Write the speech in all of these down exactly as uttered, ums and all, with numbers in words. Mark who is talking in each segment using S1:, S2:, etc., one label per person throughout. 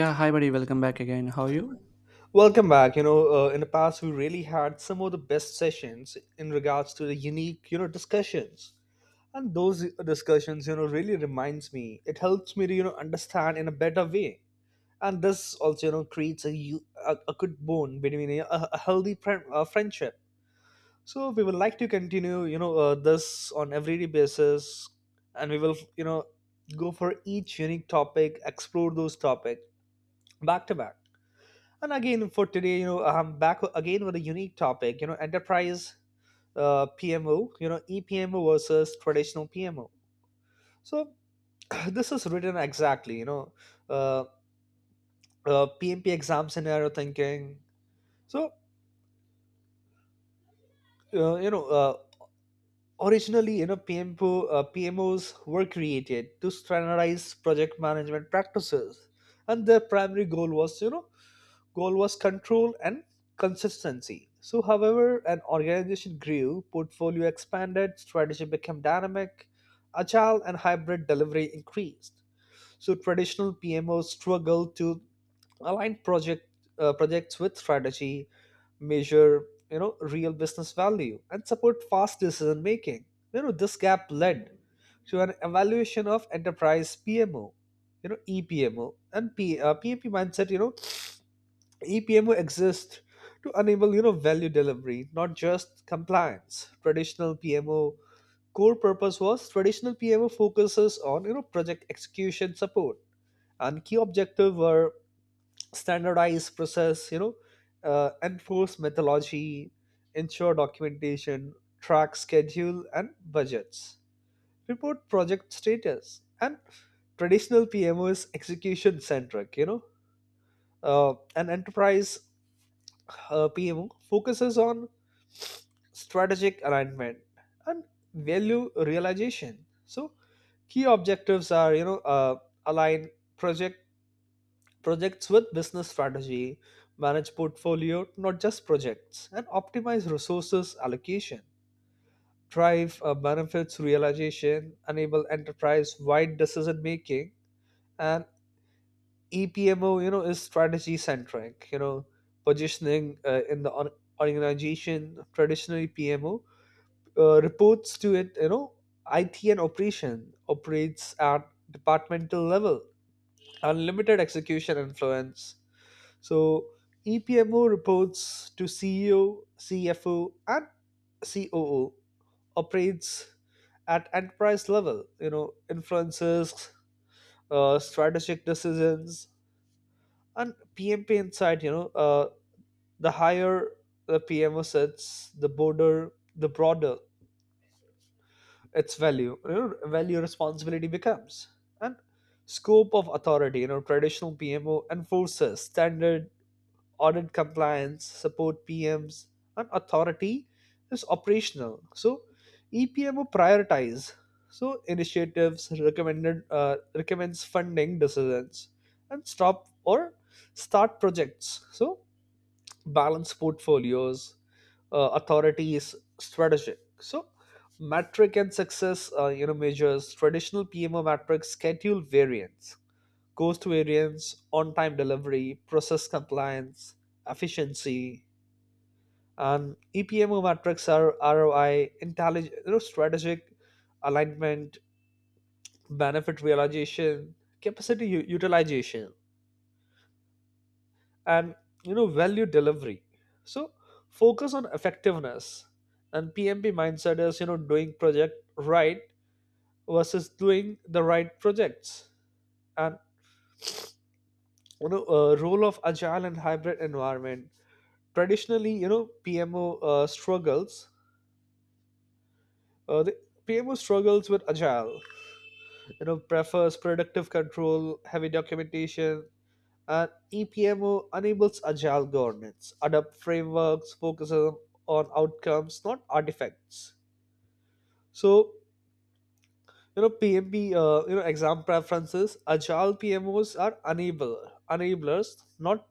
S1: Yeah, hi buddy, welcome back again. How are you?
S2: Welcome back. You know, uh, in the past, we really had some of the best sessions in regards to the unique, you know, discussions. And those discussions, you know, really reminds me. It helps me to, you know, understand in a better way. And this also, you know, creates a u- a, a good bond between you a, a healthy friend, uh, friendship. So we would like to continue, you know, uh, this on everyday basis, and we will, you know, go for each unique topic, explore those topics back to back. And again, for today, you know, I'm back again with a unique topic, you know, enterprise uh, P M O, you know, E P M O versus traditional P M O. So this is written exactly, you know, uh, uh, P M P exam scenario thinking. So, uh, you know, uh, originally, you know, P M O, uh, P M Os were created to standardize project management practices. And their primary goal was, you know, goal was control and consistency. So, however, an organization grew, portfolio expanded, strategy became dynamic, agile, and hybrid delivery increased. So, traditional P M Os struggled to align project uh, projects with strategy, measure you know real business value, and support fast decision making. You know this gap led to an evaluation of enterprise P M O, you know E P M O, and P, uh, PMP mindset. You know E P M O exists to enable you know value delivery, not just compliance. Traditional P M O core purpose was traditional P M O focuses on you know project execution support, and key objective were standardize process, you know, uh, enforce methodology, ensure documentation, track schedule and budgets, report project status, and traditional P M O is execution centric, you know. Uh, an enterprise uh, P M O focuses on strategic alignment and value realization. So key objectives are you know uh, align project projects with business strategy, manage portfolio not just projects, and optimize resources allocation. Drive uh, benefits realization, enable enterprise-wide decision making, and E P M O you know is strategy centric. You know positioning uh, in the or- organization, traditionally P M O uh, reports to it, you know it, and operation operates at departmental level, unlimited execution influence. So EPMO reports to C E O, C F O, and C O O, operates at enterprise level, you know influences uh, strategic decisions. And PMP inside, you know uh, the higher the PMO sits, the broader the broader its value you know, value responsibility becomes. And scope of authority, you know traditional PMO enforces standard, audit compliance, support PMs, and authority is operational. So EPMO prioritize, so initiatives recommended uh, recommends funding decisions, and stop or start projects, so balance portfolios, uh, authority is strategic. So, metric and success, uh, you know, measures traditional P M O metrics: schedule variance, cost variance, on-time delivery, process compliance, efficiency, and E P M O metrics are R O I, intelligent, you know, strategic alignment, benefit realization, capacity u- utilization, and you know value delivery. So focus on effectiveness, and PMP mindset is, you know doing project right versus doing the right projects. And you know uh, role of agile and hybrid environment, traditionally you know pmo uh, struggles uh, the pmo struggles with agile, you know prefers productive control, heavy documentation. And E P M O enables agile governance, adopt frameworks, focuses on outcomes, not artifacts. So, you know, P M P, uh, you know, exam preferences, agile P M Os are enable, enablers, not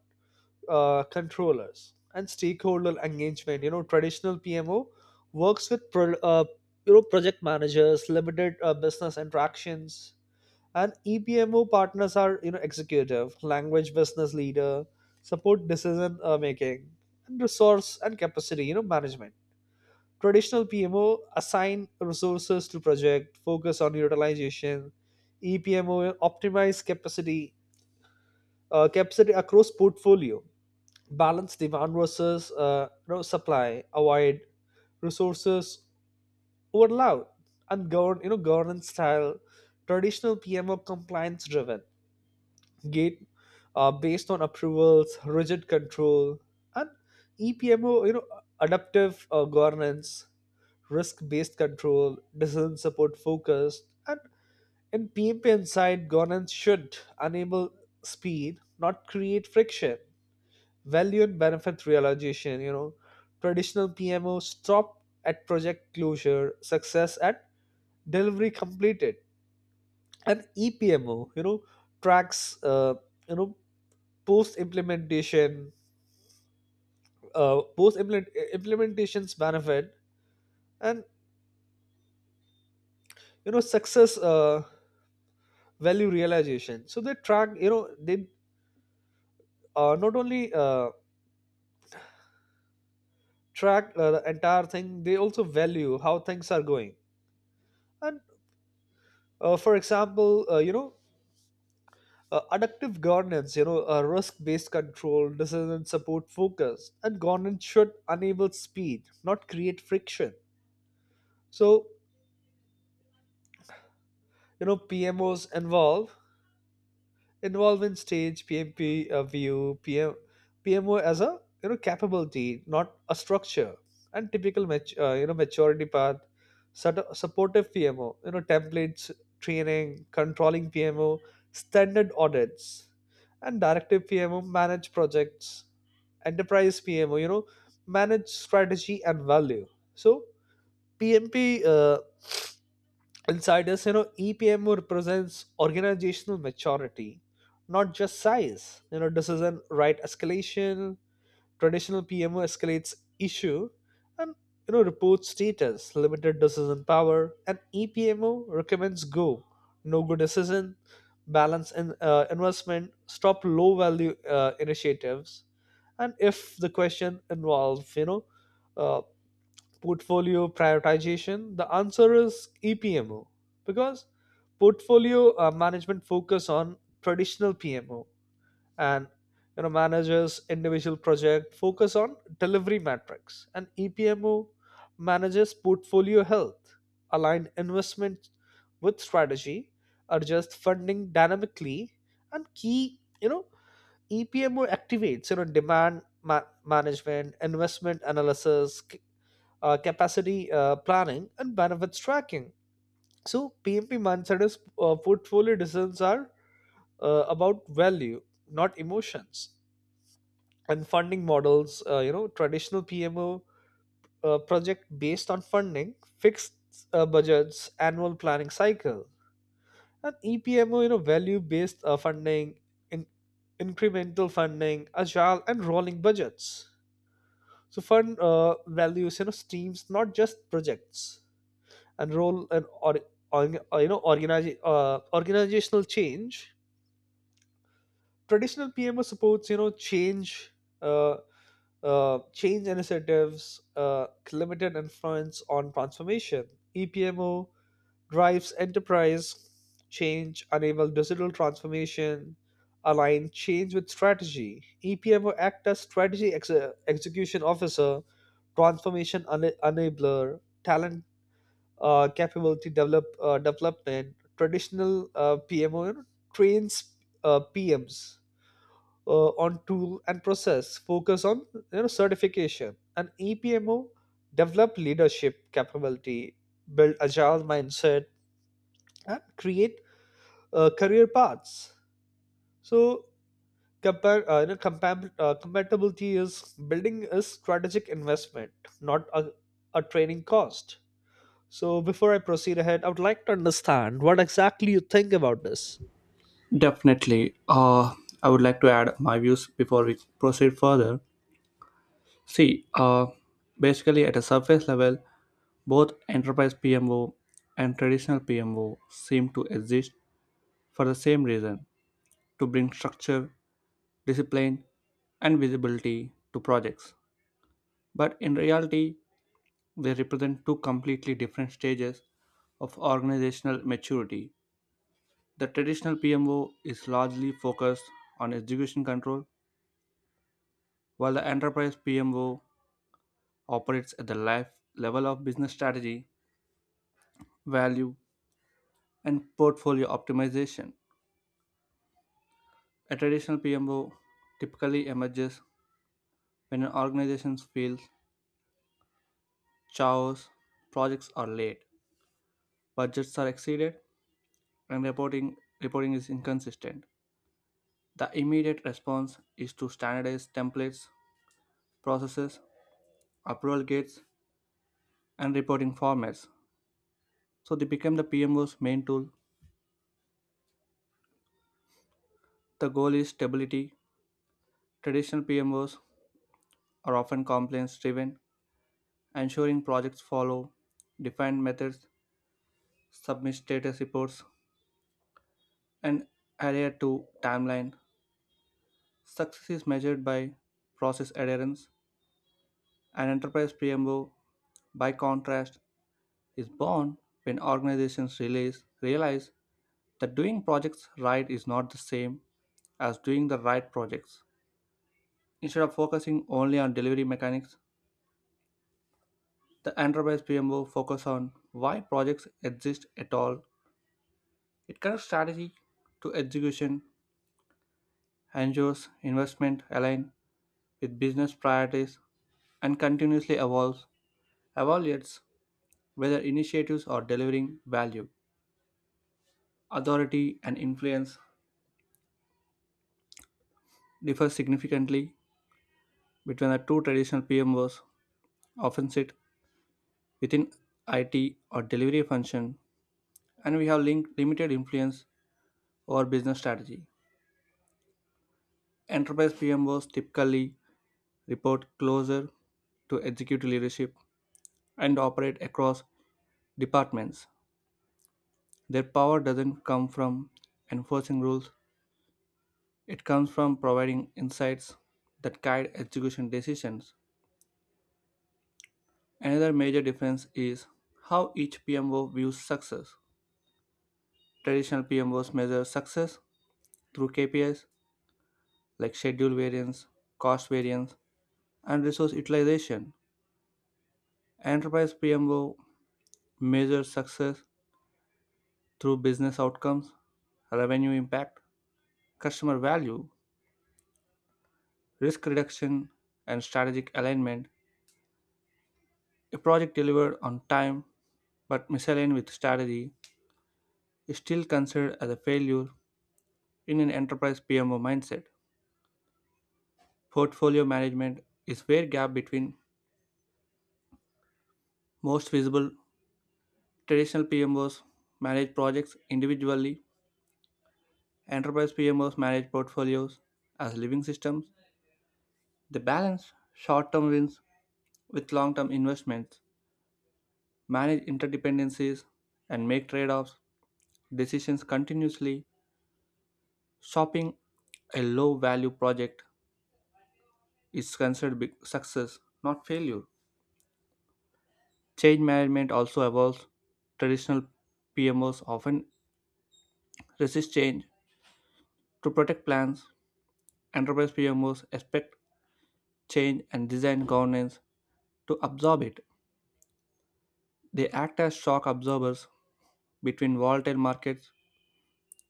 S2: uh, controllers. And stakeholder engagement, you know, traditional P M O works with pro, uh, you know, project managers, limited uh, business interactions, and E P M O partners are you know executive, language business leader, support decision uh, making, and resource and capacity you know management. Traditional P M O assign resources to project, focus on utilization. E P M O optimize capacity uh, capacity across portfolio, balance demand versus uh, you know, supply, avoid resources overload, and govern you know governance style. Traditional P M O compliance driven, gate uh, based on approvals, rigid control, and E P M O, you know, adaptive uh, governance, risk-based control, decision support focused, and in P M P inside, governance should enable speed, not create friction. Value and benefit realization, you know, traditional P M O stop at project closure, success at delivery completed, and E P M O, you know, tracks, uh, you know, post implementation uh, post implementations benefit and you know success, uh, value realization. So they track, you know they uh, not only uh, track uh, the entire thing, they also value how things are going. And uh, for example, uh, you know uh, adaptive governance, you know uh, risk based control, decision support focus, and governance should enable speed, not create friction. So you know PMOs involve involving stage, P M P uh, view P M, P M O as a you know capability, not a structure. And typical mat- uh, you know maturity path, sort of supportive P M O, you know templates, training, controlling P M O, standard audits, and directive P M O manage projects, enterprise P M O, you know manage strategy and value. So P M P. Uh, Insiders, you know, E P M O represents organizational maturity, not just size. You know, this is an right escalation. Traditional P M O escalates issue and you know reports status, limited decision power, and E P M O recommends go, no go decision, balance in uh, investment, stop low value uh, initiatives. And if the question involves you know uh, portfolio prioritization, the answer is E P M O, because portfolio uh, management focus on traditional P M O, and you know managers individual project focus on delivery metrics, and E P M O manages portfolio health, align investment with strategy, adjust funding dynamically, and key, you know E P M O activates you know demand ma- management, investment analysis, uh, capacity uh, planning, and benefits tracking. So, P M P Mansada's uh, portfolio decisions are, uh, about value, not emotions. And funding models, uh, you know, traditional P M O uh, project based on funding, fixed uh, budgets, annual planning cycle, and E P M O, you know, value based uh, funding, in- incremental funding, agile, and rolling budgets. So, fund uh, values, you know, streams, not just projects. And role and or, or you know organize, uh, organizational change, traditional PMO supports you know change uh, uh, change initiatives, uh, limited influence on transformation. EPMO drives enterprise change, enable digital transformation, align change with strategy. EPMO act as strategy exe- execution officer, transformation ena- enabler. Talent uh, capability develop uh, development, traditional uh, P M O trains uh, P Ms uh, on tool and process, focus on you know certification, and E P M O develop leadership capability, build agile mindset, and create uh, career paths. So compare uh, you know compam- uh, compatibility is building a strategic investment, not a, a training cost. So, before I proceed ahead, I would like to understand what exactly you think about this.
S1: Definitely. Uh, I would like to add my views before we proceed further. See, uh, basically at a surface level, both enterprise P M O and traditional P M O seem to exist for the same reason to bring structure, discipline, and visibility to projects. But in reality, they represent two completely different stages of organizational maturity. The traditional P M O is largely focused on execution control, while the enterprise P M O operates at the life level of business strategy, value, and portfolio optimization. A traditional P M O typically emerges when an organization feels chaos, projects are late, budgets are exceeded, and reporting, reporting is inconsistent. The immediate response is to standardize templates, processes, approval gates, and reporting formats. So they became the P M O's main tool. The goal is stability. Traditional P M Os are often compliance driven, ensuring projects follow defined methods, submit status reports, and adhere to timeline. Success is measured by process adherence. An enterprise P M O, by contrast, is born when organizations realize, realize that doing projects right is not the same as doing the right projects. Instead of focusing only on delivery mechanics, the enterprise P M O focus on why projects exist at all. It connects strategy to execution, ensures investment align with business priorities, and continuously evolves, evaluates whether initiatives are delivering value. Authority and influence differ significantly between the two. Traditional P M Os often sit within I T or delivery function, and we have linked limited influence over business strategy. Enterprise P M Os typically report closer to executive leadership, and operate across departments. Their power doesn't come from enforcing rules, it comes from providing insights that guide execution decisions. Another major difference is how each P M O views success. Traditional P M Os measure success through K P Is like schedule variance, cost variance, and resource utilization. Enterprise P M O measures success through business outcomes, revenue impact, customer value, risk reduction, and strategic alignment. A project delivered on time but misaligned with strategy is still considered as a failure in an enterprise P M O mindset. Portfolio management is where gap between most visible. Traditional P M Os manage projects individually, enterprise P M Os manage portfolios as living systems. They balance short-term wins with long-term investments, manage interdependencies, and make trade-offs decisions continuously. Shopping a low value project is considered big success not failure. Change management also evolves. Traditional PMOs often resist change to protect plans. Enterprise PMOs expect change and design governance to absorb it. They act as shock absorbers between volatile markets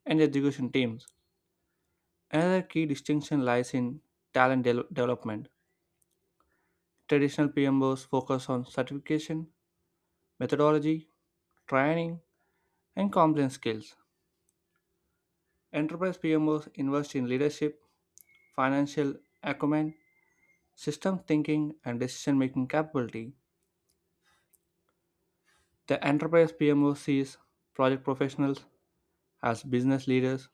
S1: and execution teams. Another key distinction lies in talent de- development. Traditional PMOs focus on certification methodology, training, and compliance skills. Enterprise P M Os invest in leadership, financial acumen, system thinking, and decision making capability. The enterprise P M O sees project professionals as business leaders,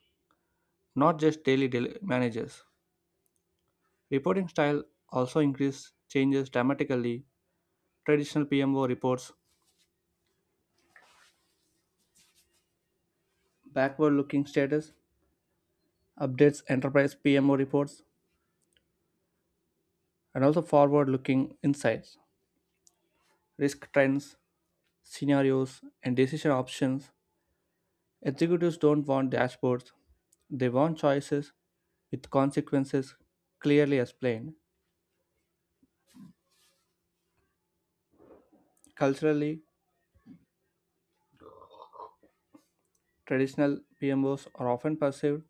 S1: not just daily del- managers. Reporting style also increase changes dramatically. Traditional P M O reports backward looking status, updates enterprise P M O reports, and also forward looking insights, risk trends, scenarios, and decision options. Executives don't want dashboards, they want choices with consequences clearly explained. Culturally, traditional P M Os are often perceived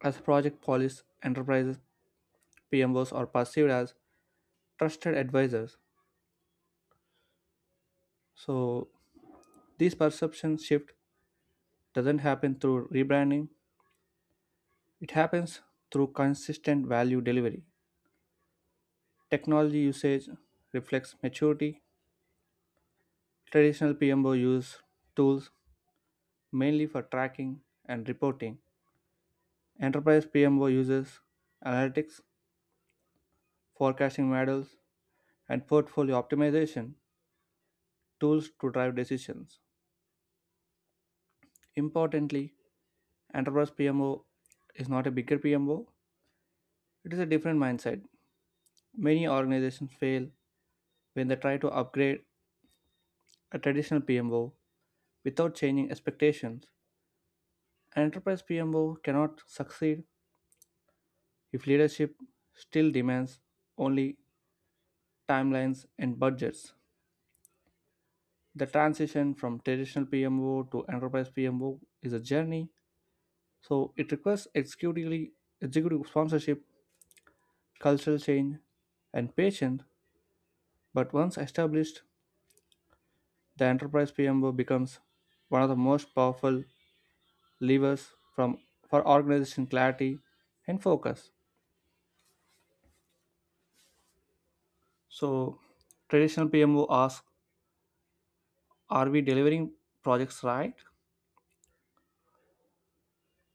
S1: as project police enterprises, P M Os are perceived as trusted advisors. So, this perception shift doesn't happen through rebranding, it happens through consistent value delivery. Technology usage reflects maturity. Traditional P M O use tools mainly for tracking and reporting. Enterprise P M O uses analytics, forecasting models, and portfolio optimization tools to drive decisions. Importantly, enterprise P M O is not a bigger P M O, it is a different mindset. Many organizations fail when they try to upgrade a traditional P M O without changing expectations. An enterprise P M O cannot succeed if leadership still demands only timelines and budgets. The transition from traditional P M O to enterprise P M O is a journey. So it requires executive, executive sponsorship, cultural change, and patience. But once established, the enterprise P M O becomes one of the most powerful levers from for organization clarity and focus. So traditional P M O asks, are we delivering projects right?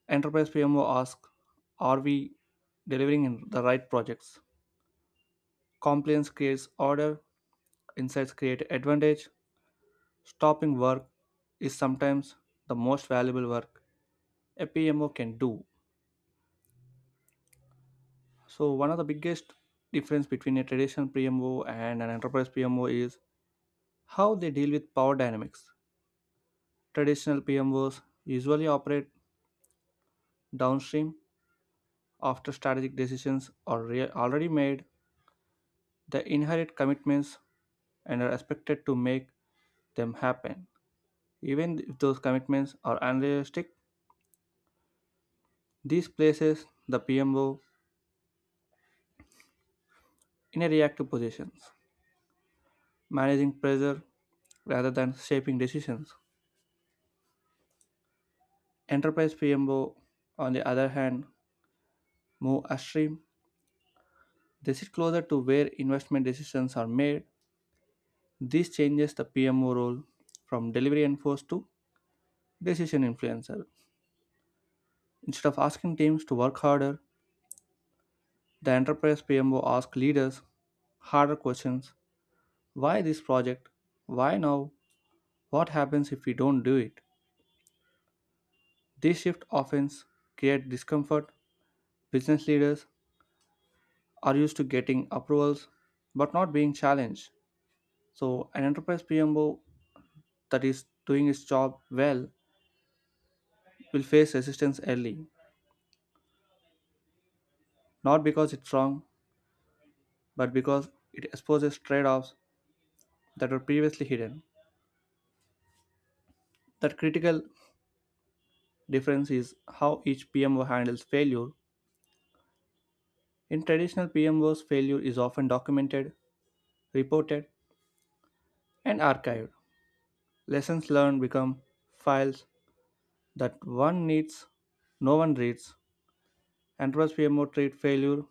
S1: Enterprise P M O asks, are we delivering in the right projects? Compliance creates order, insights create advantage. Stopping work is sometimes the most valuable work a P M O can do. So one of the biggest difference between a traditional P M O and an enterprise P M O is how they deal with power dynamics. Traditional P M Os usually operate downstream after strategic decisions are rea- already made. They inherit commitments and are expected to make them happen, even if those commitments are unrealistic. This places the P M O in a reactive position, managing pressure rather than shaping decisions. Enterprise P M O, on the other hand, move upstream. They sit closer to where investment decisions are made. This changes the P M O role from delivery enforce to decision influencer. Instead of asking teams to work harder, the enterprise P M O asks leaders harder questions. Why this project? Why now? What happens if we don't do it? These shift often create discomfort. Business leaders are used to getting approvals but not being challenged. So, an enterprise P M O that is doing its job well will face resistance early, not because it's wrong, but because it exposes trade offs that were previously hidden. That critical difference is how each P M O handles failure. In traditional P M Os, failure is often documented, reported, and archived. Lessons learned become files that one needs, no one reads. Enterprise P M O treat failure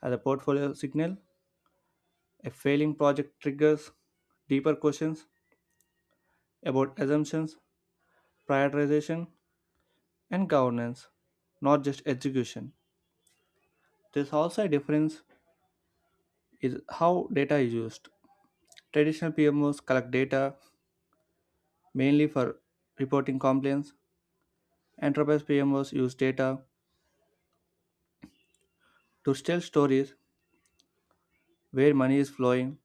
S1: as a portfolio signal. A failing project triggers deeper questions about assumptions, prioritization, and governance, not just execution. There's also a difference is how data is used. Traditional P M Os collect data mainly for reporting complaints. Enterprise P M Os use data to tell stories where money is flowing,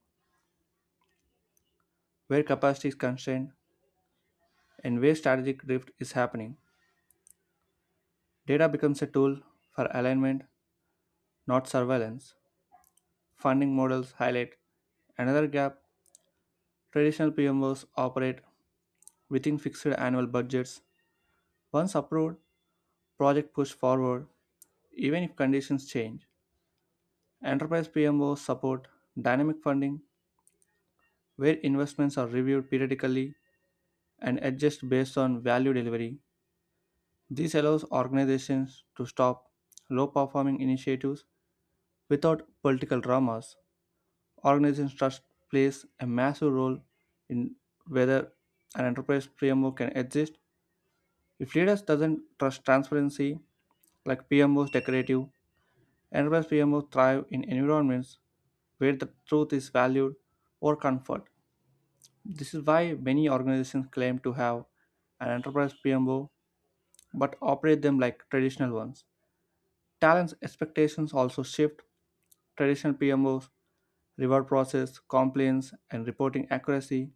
S1: where capacity is constrained, and where strategic drift is happening. Data becomes a tool for alignment, not surveillance. Funding models highlight another gap. Traditional P M Os operate within fixed annual budgets. Once approved, projects push forward even if conditions change. Enterprise P M Os support dynamic funding where investments are reviewed periodically and adjust based on value delivery. This allows organizations to stop low performing initiatives without political dramas. Organizations trust plays a massive role in whether an enterprise P M O can exist. If leaders doesn't trust transparency, like P M Os decorative, enterprise P M Os thrive in environments where the truth is valued or comfort. This is why many organizations claim to have an enterprise P M O but operate them like traditional ones. Talents expectations also shift. Traditional P M Os reward process, compliance, and reporting accuracy.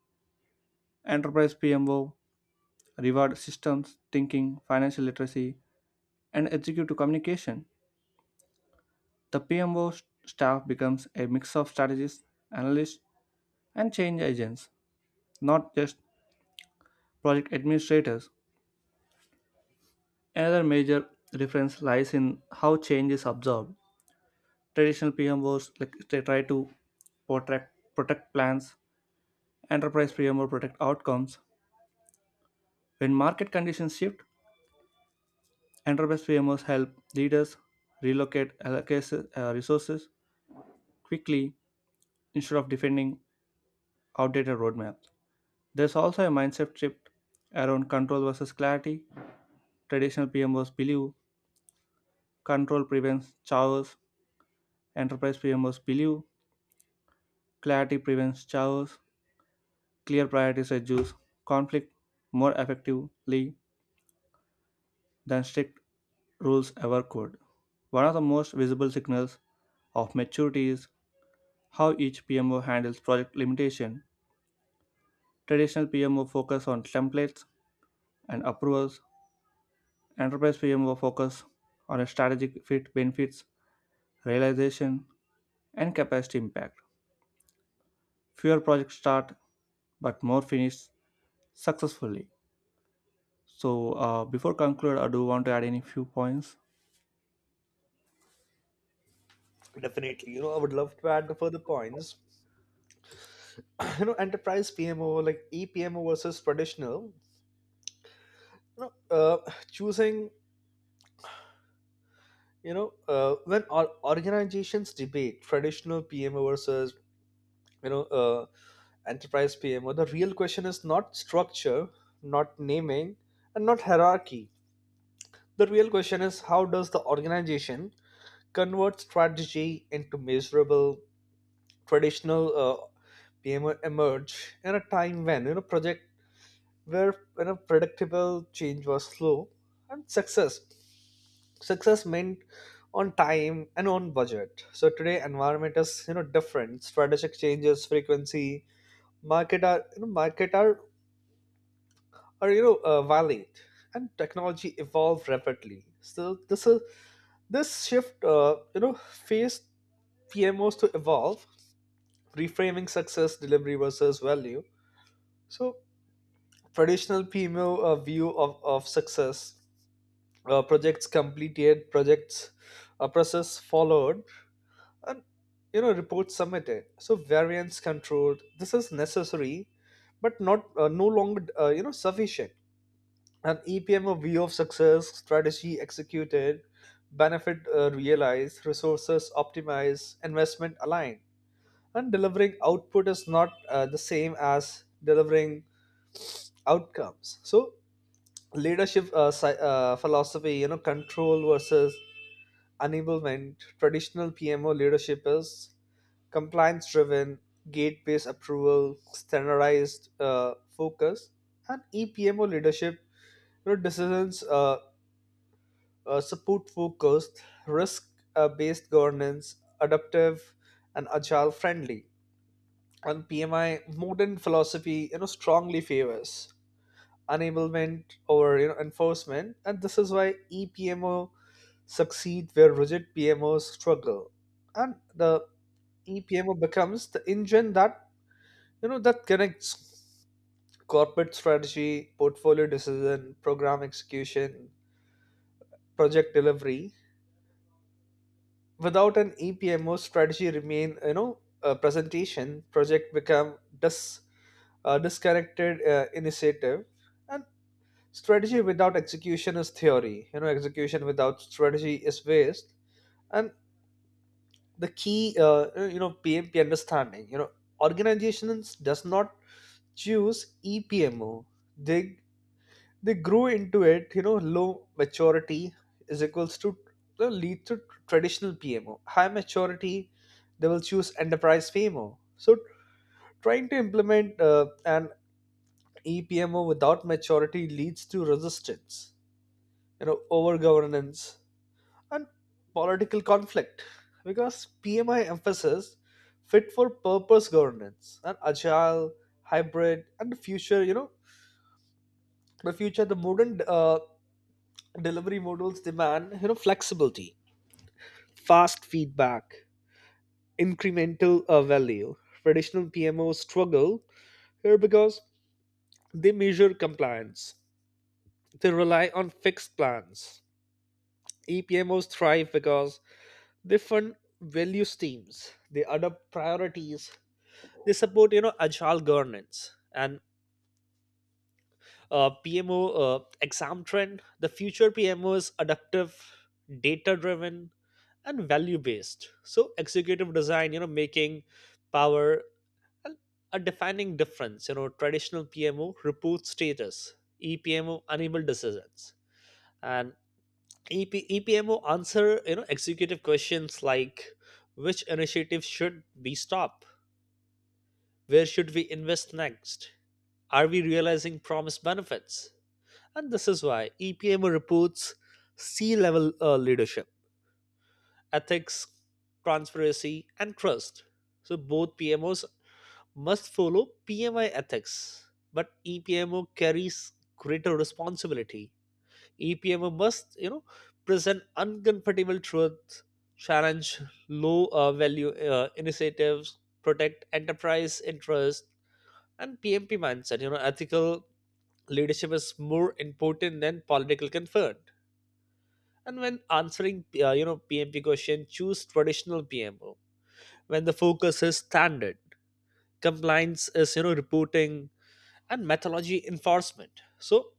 S1: Enterprise P M O, reward systems, thinking, financial literacy, and executive communication. The P M O staff becomes a mix of strategists, analysts, and change agents, not just project administrators. Another major difference lies in how change is absorbed. Traditional P M Os like they try to protect, protect plans. Enterprise P M O protect outcomes. When market conditions shift, enterprise P M Os help leaders relocate allocate uh, resources quickly instead of defending outdated roadmaps. There's also a mindset shift around control versus clarity. Traditional P M Os believe control prevents chaos, enterprise P M Os believe clarity prevents chaos. Clear priorities reduce conflict more effectively than strict rules ever could. One of the most visible signals of maturity is how each P M O handles project limitation. Traditional P M O focus on templates and approvals, Enterprise P M will focus on a strategic fit, benefits, realization, and capacity impact. Fewer projects start, but more finish successfully. So, uh, before conclude, I do want to add any few points.
S2: Definitely, you know, I would love to add the further points. You know, enterprise P M O like E P M O versus traditional. You know, uh, choosing. You know, uh, when or- organizations debate traditional P M O versus you know uh, enterprise PMO, the real question is not structure, not naming, and not hierarchy. The real question is how does the organization convert strategy into measurable. Traditional uh, PMO emerge in a time when you know project where you know predictable, change was slow, and success success meant on time and on budget. So today environment is you know different, strategic changes frequency, market are you know market are are you know uh, violent, and technology evolved rapidly. So this is this shift, uh, you know faced PMOs to evolve, reframing success, delivery versus value. So traditional PMO uh, view of, of success, uh, projects completed projects, a process followed, and you know reports submitted, so variance controlled. This is necessary, but not uh, no longer uh, you know sufficient. An E P M of view of success: strategy executed, benefit uh, realized, resources optimized, investment aligned. And delivering output is not uh, the same as delivering outcomes. So leadership, uh, sci- uh, philosophy, you know, control versus enablement. Traditional P M O leadership is compliance-driven, gate-based approval, standardized uh, focus, and E P M O leadership. You know, decisions uh, uh, support focused, risk uh, based governance, adaptive and agile friendly. And P M I modern philosophy, you know, strongly favors enablement over you know enforcement, and this is why E P M O succeed where rigid P M Os struggle, and the E P M O becomes the engine that you know that connects corporate strategy, portfolio decision, program execution, project delivery. Without an E P M O, strategy remain, you know, a presentation, project become dis, uh, disconnected uh, initiative, and strategy without execution is theory. You know, execution without strategy is waste. And the key, uh, you know, P M P understanding. You know, organizations does not choose E P M O. They they grew into it, you know low maturity is equals to, uh, lead to traditional PMO, high maturity they will choose enterprise PMO. So trying to implement uh, an EPMO without maturity leads to resistance, you know over governance and political conflict, because PMI emphasis fit for purpose governance and agile hybrid and future. You know the future the modern uh, delivery models demand, you know flexibility, fast feedback, incremental uh, value. Traditional PMOs struggle here because they measure compliance, they rely on fixed plans. EPMOs thrive because they fund value streams, they adopt priorities, they support you know agile governance. And uh, P M O uh, exam trend, the future P M O is adaptive, data driven, and value based. So executive design, you know, making power and a defining difference. You know, traditional P M O report status, EPMO enable decisions, and EP, E P M O answer you know executive questions like: which initiative should we stop, where should we invest next, are we realizing promised benefits? And this is why E P M O reports C level uh, leadership, ethics, transparency, and trust. So both P M Os must follow P M I ethics, but E P M O carries greater responsibility. E P M O must, you know, present uncomfortable truth, challenge low uh, value uh, initiatives, protect enterprise interest, and P M P mindset. You know, ethical leadership is more important than political concern. And when answering, uh, you know, P M P question, choose traditional P M O. When the focus is standard, compliance is, you know, reporting and methodology enforcement. So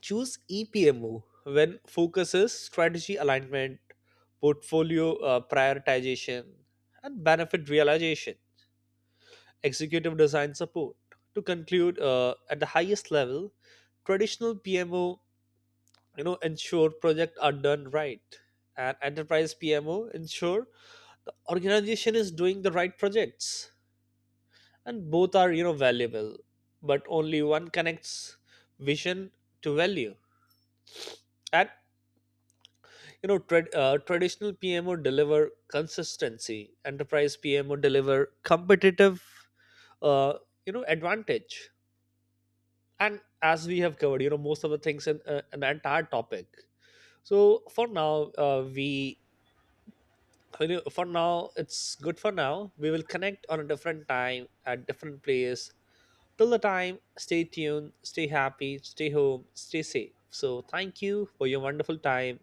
S2: choose E P M O when focus is strategy alignment, portfolio uh, prioritization, and benefit realization, executive design support. To conclude, uh, at the highest level, traditional P M O, you know, ensure projects are done right, and enterprise P M O ensure the organization is doing the right projects, and both are you know valuable, but only one connects vision to value at. You know trad- uh, traditional PMO deliver consistency, enterprise PMO deliver competitive, uh, you know advantage. And as we have covered, you know most of the things in uh, an entire topic, so for now, uh, we you know, for now it's good. For now we will connect on a different time at different place. Till the time, stay tuned, stay happy, stay home, stay safe. So, thank you for your wonderful time.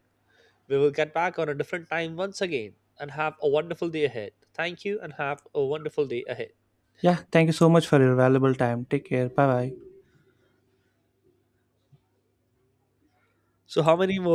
S2: We will get back on a different time once again and have a wonderful day ahead. Thank you and have a wonderful day ahead.
S1: Yeah, thank you so much for your valuable time. Take care. Bye bye.
S2: So, how many more?